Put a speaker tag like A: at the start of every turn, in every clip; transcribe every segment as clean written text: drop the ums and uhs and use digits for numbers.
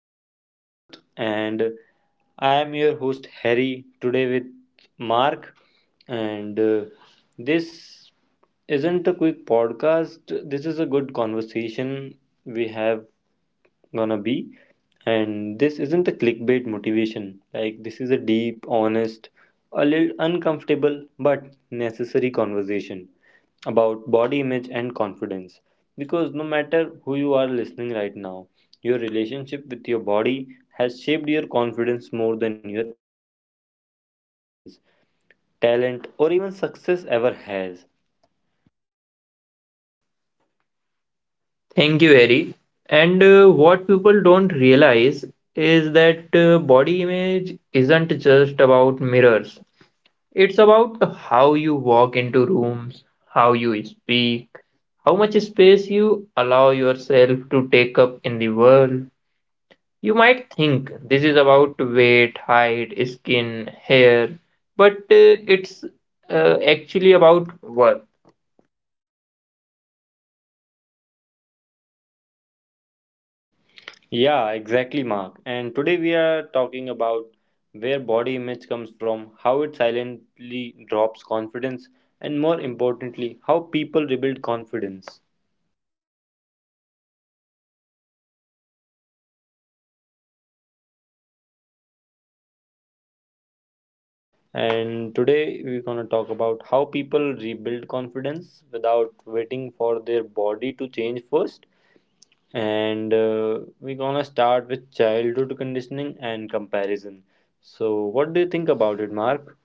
A: today's podcast. And I am your host, Harry, today with Mark. And This isn't a quick podcast, this is a good conversation we have gonna be. And this isn't a clickbait motivation. Like this is a deep, honest, a little uncomfortable but necessary conversation about body image and confidence. Because no matter who you are listening right now, your relationship with your body has shaped your confidence more than your intelligence, talent, or even success ever has.
B: Thank you, Eri. And what people don't realize is that body image isn't just about mirrors. It's about how you walk into rooms, how you speak, how much space you allow yourself to take up in the world. You might think this is about weight, height, skin, hair, but it's actually about work.
A: Yeah, exactly, Mark. And today we are talking about where body image comes from, how it silently drops confidence, and more importantly, how people rebuild confidence. And today we're going to talk about how people rebuild confidence without waiting for their body to change first. And We're going to start with childhood conditioning and comparison. So, what do you think about it, Mark?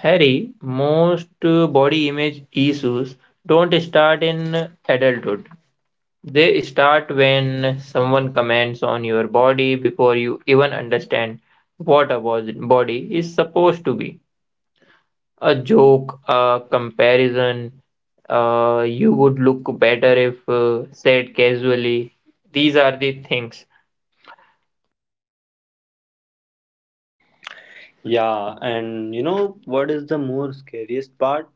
B: Harry, most body image issues don't start in adulthood. They start when someone comments on your body before you even understand what a body is supposed to be. A joke, a comparison, you would look better if said casually. These are the things.
A: Yeah, and you know what is the more scariest part?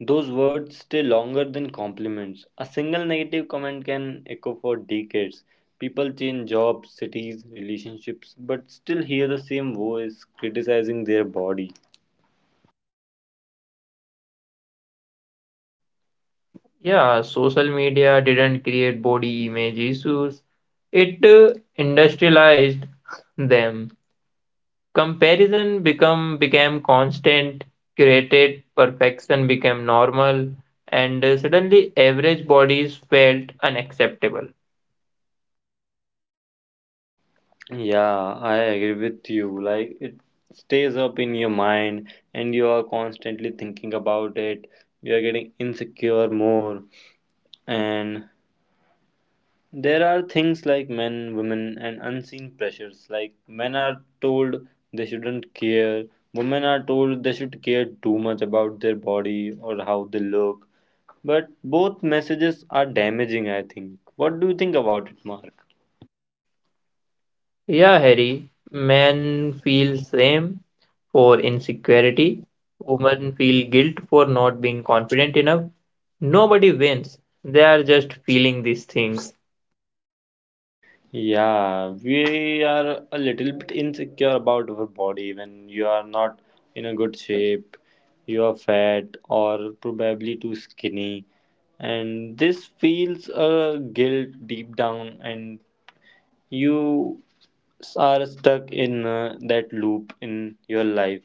A: Those words stay longer than compliments. A single negative comment can echo for decades. People change jobs, cities, relationships, but still hear the same voice criticizing their body.
B: Yeah, social media didn't create body image issues, it industrialized them. Comparison become became constant, curated perfection became normal, and suddenly average bodies felt unacceptable.
A: Yeah, I agree with you. Like it stays up in your mind and you are constantly thinking about it. You are getting insecure more and there are things like men, women, and unseen pressures. Like men are told they shouldn't care, women are told they should care too much about their body or how they look. But both messages are damaging, I think. What do you think about it, Mark?
B: Yeah, Harry, men feel shame for insecurity, women feel guilt for not being confident enough. Nobody wins. They are just feeling these things.
A: Yeah, we are a little bit insecure about our body when you are not in a good shape, you are fat or probably too skinny, and this feels a guilt deep down, and you are stuck in that loop in your life.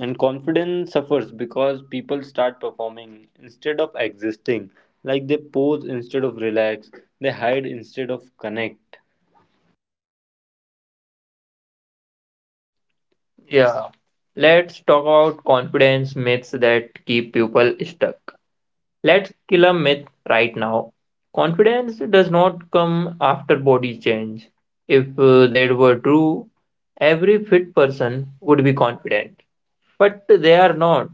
A: And confidence suffers because people start performing instead of existing, like they pose instead of relax, they hide instead of connect.
B: Yeah. Let's talk about confidence myths that keep people stuck. Let's kill a myth right now. Confidence does not come after body change. If that were true, every fit person would be confident. But they are not.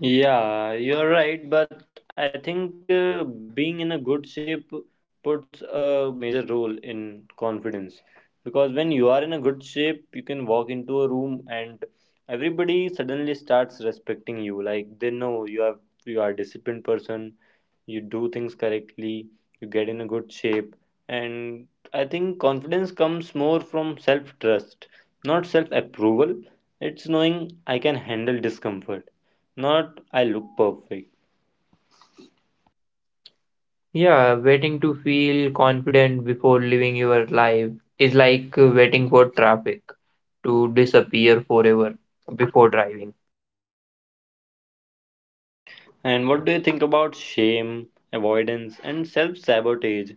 A: Yeah, you're right, but I think being in a good shape puts a major role in confidence because when you are in a good shape, you can walk into a room and everybody suddenly starts respecting you. Like they know you are a disciplined person, you do things correctly, you get in a good shape, and I think confidence comes more from self trust, not self approval. It's knowing I can handle discomfort not I look perfect.
B: Yeah, waiting to feel confident before living your life is like waiting for traffic to disappear forever before driving.
A: And what do you think about shame, avoidance, and self sabotage?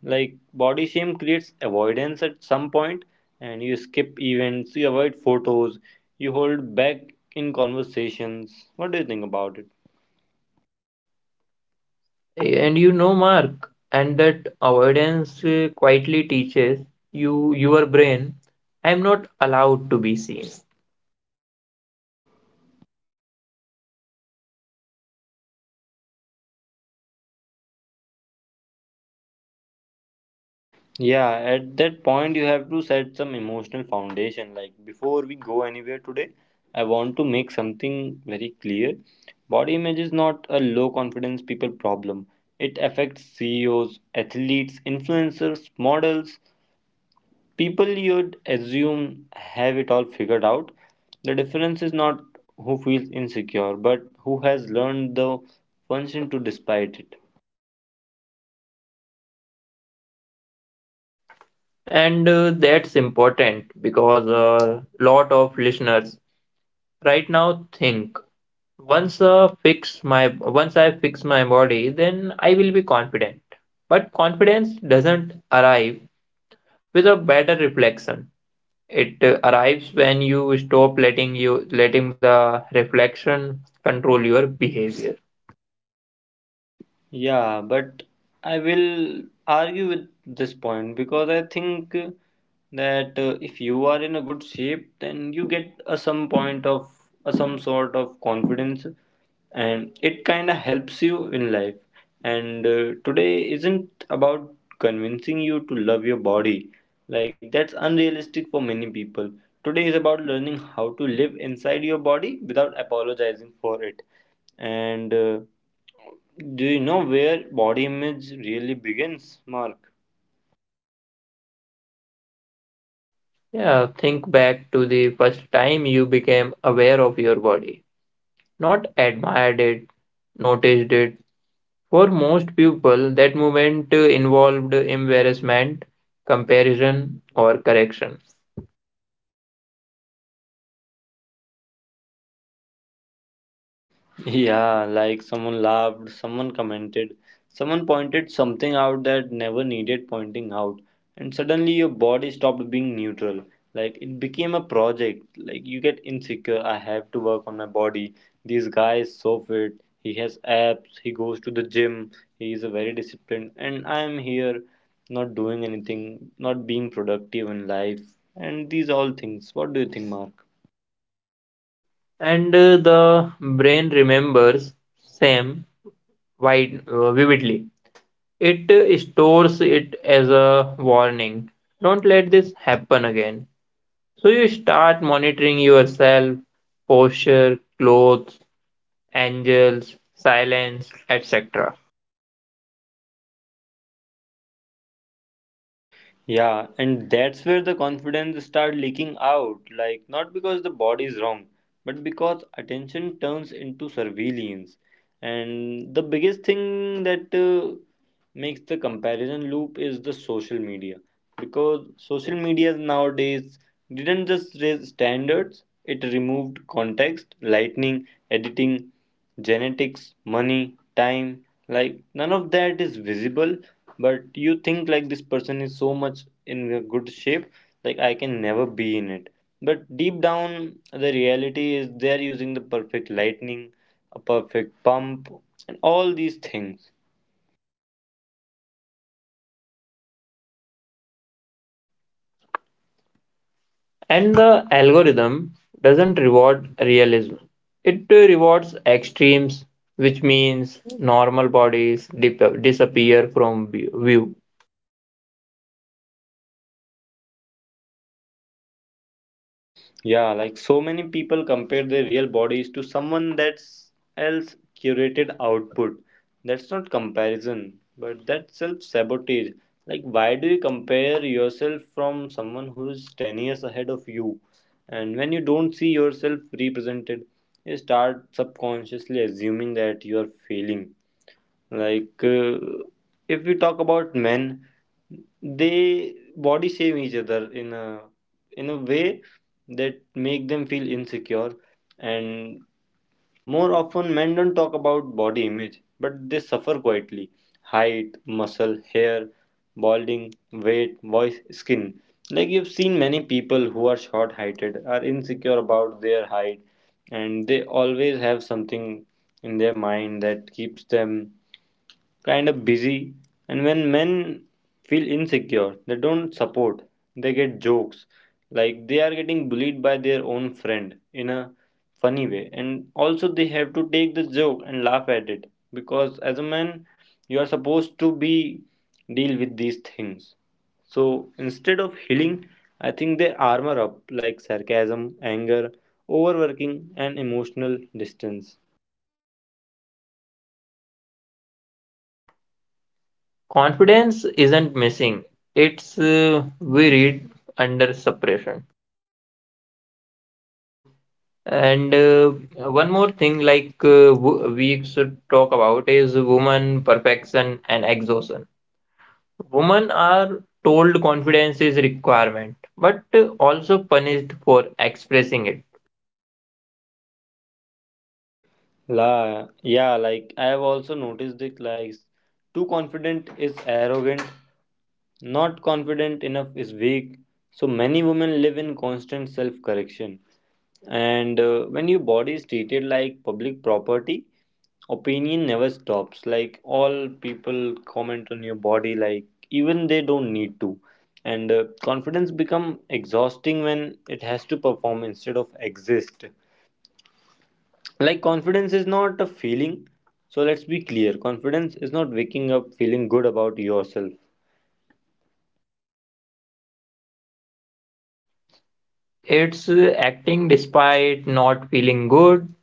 A: Like, body shame creates avoidance at some point, and you skip events, you avoid photos, you hold back in conversations. What do you think about it?
B: And you know, Mark, and that avoidance quietly teaches you your brain, I'm not allowed to be seen.
A: Yeah, at that point, you have to set some emotional foundation. Like, before we go anywhere today, I want to make something very clear. Body image is not a low confidence people problem, it affects CEOs, athletes, influencers, models, people you'd assume have it all figured out. The difference is not who feels insecure, but who has learned the function to despite it.
B: And that's important because a lot of listeners right now think once I fix my body, then I will be confident. But confidence doesn't arrive with a better reflection. It arrives when you stop letting the reflection control your behavior.
A: Yeah, but I will argue with this point because I think that if you are in a good shape, then you get a some point of a some sort of confidence, and it kind of helps you in life. And Today isn't about convincing you to love your body, like that's unrealistic for many people. Today is about learning how to live inside your body without apologizing for it and do you know where body image really begins, Mark?
B: Yeah, think back to the first time you became aware of your body, not admired it, noticed it. For most people, that movement involved embarrassment, comparison, or correction.
A: Yeah, like someone laughed, someone commented, someone pointed something out that never needed pointing out, and suddenly your body stopped being neutral. Like it became a project. Like you get insecure. I have to work on my body. This guy is so fit. He has abs. He goes to the gym. He is a very disciplined. And I am here, not doing anything, not being productive in life, and these all things. What do you think, Mark?
B: And the brain remembers same wide, vividly. It stores it as a warning. Don't let this happen again. So you start monitoring yourself, posture, clothes, angles, silence, etc.
A: Yeah, and that's where the confidence start leaking out. Like not because the body is wrong, but because attention turns into surveillance. And the biggest thing that makes the comparison loop is the social media, because social media nowadays didn't just raise standards, it removed context, lightning, editing, genetics, money, time. Like none of that is visible, but you think like this person is so much in a good shape, like I can never be in it. But deep down, the reality is they are using the perfect lightning, a perfect pump, and all these things.
B: And the algorithm doesn't reward realism. It rewards extremes, which means normal bodies disappear from view.
A: Yeah, like so many people compare their real bodies to someone that's else curated output. That's not comparison, but that's self sabotage. Like, why do you compare yourself from someone who is 10 years ahead of you? And when you don't see yourself represented, you start subconsciously assuming that you are failing. Like, if we talk about men, they body shame each other in a way that make them feel insecure, and more often men don't talk about body image but they suffer quietly. Height, muscle, hair, balding, weight, voice, skin. Like you've seen many people who are short heighted are insecure about their height, and they always have something in their mind that keeps them kind of busy, and when men feel insecure, they don't support. They get jokes, like they are getting bullied by their own friend in a funny way, and also they have to take the joke and laugh at it because as a man, you are supposed to be deal with these things. So instead of healing, I think they armor up, like sarcasm, anger, overworking, and emotional distance.
B: Confidence isn't missing, it's we read under suppression. And one more thing, we should talk about, is woman perfection and exhaustion. Women are told confidence is requirement, but also punished for expressing it.
A: La, yeah, like I have also noticed it. Like, too confident is arrogant, not confident enough is weak. So many women live in constant self-correction, and when your body is treated like public property, opinion never stops. Like all people comment on your body, like even they don't need to, and confidence become exhausting when it has to perform instead of exist. Like confidence is not a feeling, so let's be clear, confidence is not waking up feeling good about yourself.
B: It's acting despite not feeling good.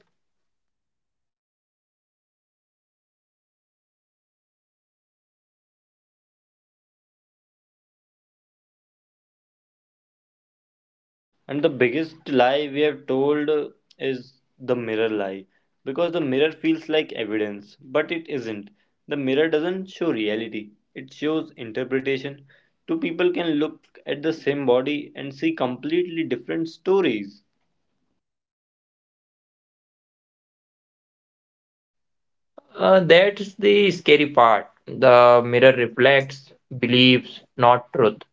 A: And the biggest lie we have told is the mirror lie, because the mirror feels like evidence but it isn't. The mirror doesn't show reality, it shows interpretation. Two people can look at the same body and see completely different stories.
B: That's the scary part. The mirror reflects beliefs, not truth.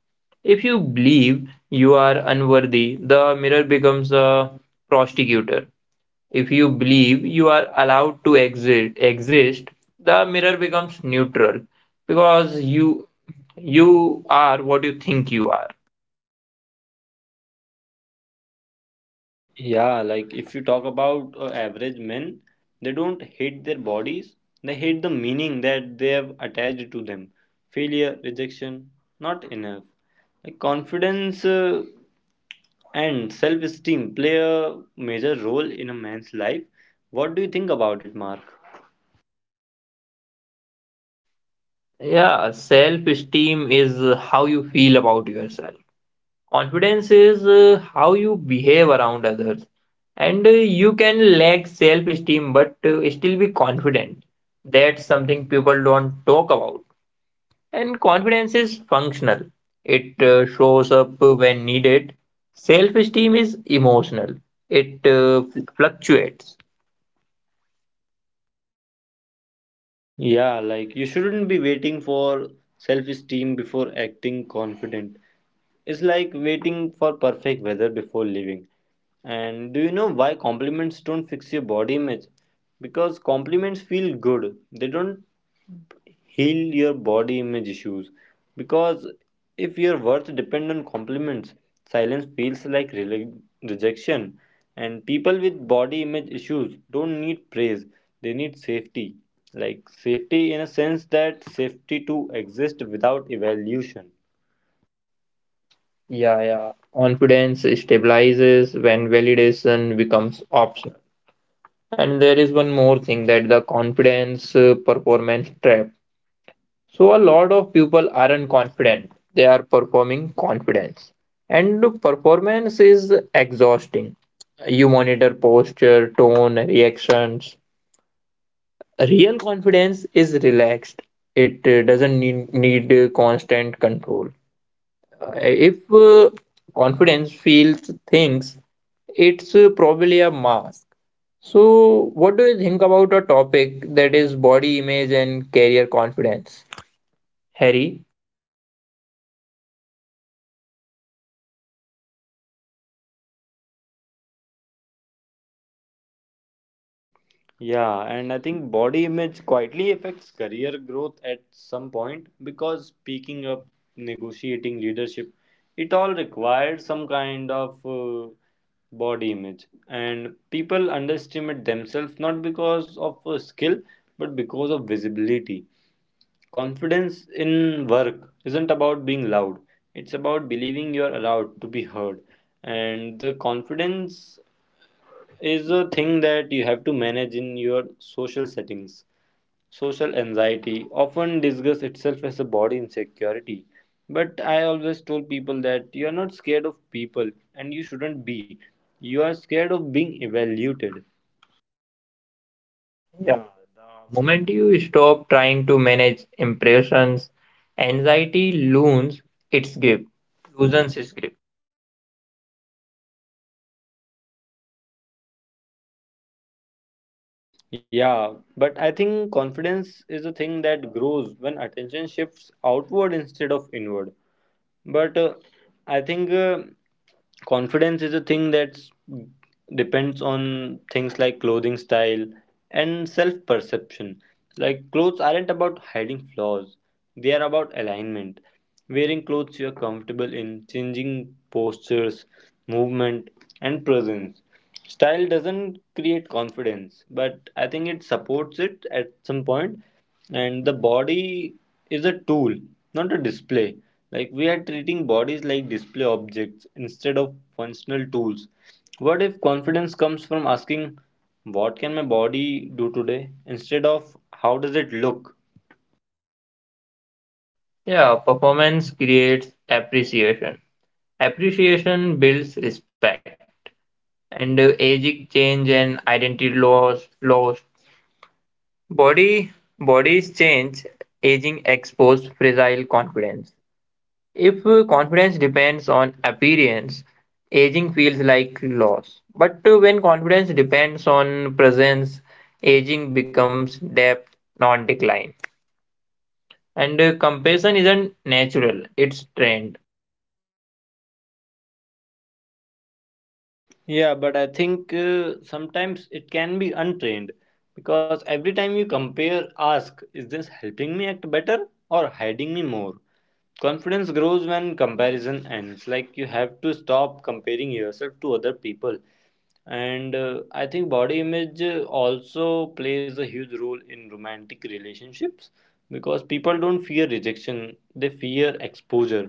B: If you believe you are unworthy, the mirror becomes a prostitutor. If you believe you are allowed to exist, the mirror becomes neutral because you are what you think you are.
A: Yeah, like if you talk about average men, they don't hate their bodies, they hate the meaning that they have attached to them. Failure, rejection, not enough. Like confidence and self esteem play a major role in a man's life. What do you think about it, Mark?
B: Yeah, self-esteem is how you feel about yourself. Confidence is how you behave around others, and you can lack self-esteem but still be confident. That's something people don't talk about. And confidence is functional. It shows up when needed. Self-esteem is emotional. It fluctuates.
A: Yeah, like you shouldn't be waiting for self esteem before acting confident. It's like waiting for perfect weather before leaving. And do you know why compliments don't fix your body image? Because compliments feel good. They don't heal your body image issues. Because if your worth depends on compliments, silence feels like rejection. And people with body image issues don't need praise. They need safety. Like safety in a sense that safety to exist without evaluation.
B: Yeah, yeah. Confidence stabilizes when validation becomes optional. And there is one more thing that the confidence performance trap. So a lot of people aren't confident. They are performing confidence. And look, performance is exhausting. You monitor posture, tone, reactions. Real confidence is relaxed. It doesn't need constant control. If confidence feels things, it's probably a mask. So, what do you think about a topic that is body image and career confidence? Harry?
A: Yeah, and I think body image quietly affects career growth at some point because speaking up, negotiating leadership, it all requires some kind of body image. And people underestimate themselves not because of skill but because of visibility. Confidence in work isn't about being loud, it's about believing you're allowed to be heard. And the confidence is a thing that you have to manage in your social settings. Social anxiety often disguises itself as a body insecurity. But I always told people that you are not scared of people and you shouldn't be. You are scared of being evaluated.
B: Yeah, the moment you stop trying to manage impressions, anxiety loosens its grip, its grip.
A: Yeah, but I think confidence is a thing that grows when attention shifts outward instead of inward. But I think. Confidence is a thing that depends on things like clothing style and self perception. Like clothes aren't about hiding flaws, they are about alignment. Wearing clothes you are comfortable in, changing postures, movement, and presence. Style doesn't create confidence, but I think it supports it at some point. And the body is a tool, not a display. Like we are treating bodies like display objects instead of functional tools. What if confidence comes from asking, what can my body do today? Instead of how does it look?
B: Yeah, performance creates appreciation. Appreciation builds respect. And aging change and identity loss. Body, bodies change, aging exposes fragile confidence. If confidence depends on appearance, aging feels like loss. But when confidence depends on presence, aging becomes depth, not decline. And comparison isn't natural, it's trained.
A: Yeah, but I think sometimes it can be untrained because every time you compare, ask, is this helping me act better or hiding me more? Confidence grows when comparison ends. Like you have to stop comparing yourself to other people, and I think body image also plays a huge role in romantic relationships, because people don't fear rejection, they fear exposure.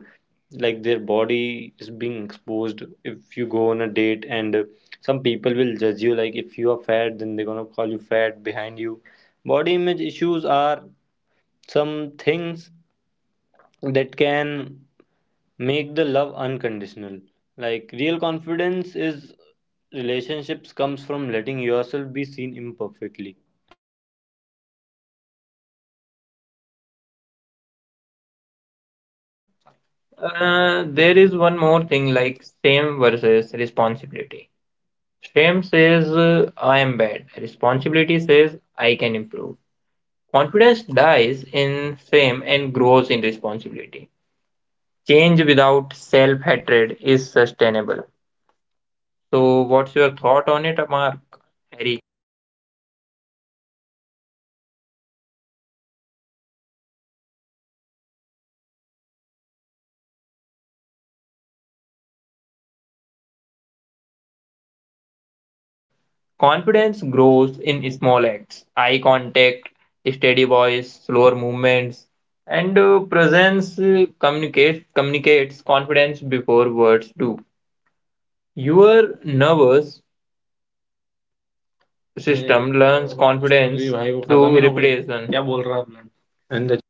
A: Like their body is being exposed. If you go on a date and some people will judge you, like if you are fat then they're gonna call you fat behind you. Body image issues are some things that can make the love unconditional. Like real confidence is relationships comes from letting yourself be seen imperfectly.
B: There is one more thing like shame versus responsibility. Shame says, I am bad. Responsibility says, I can improve. Confidence dies in shame and grows in responsibility. Change without self-hatred is sustainable. So, what's your thought on it, Mark? Harry? Confidence grows in small acts, eye contact, steady voice, slower movements, and presence communicates confidence before words do. Your nervous system learns confidence through repetition. क्या बोल रहा है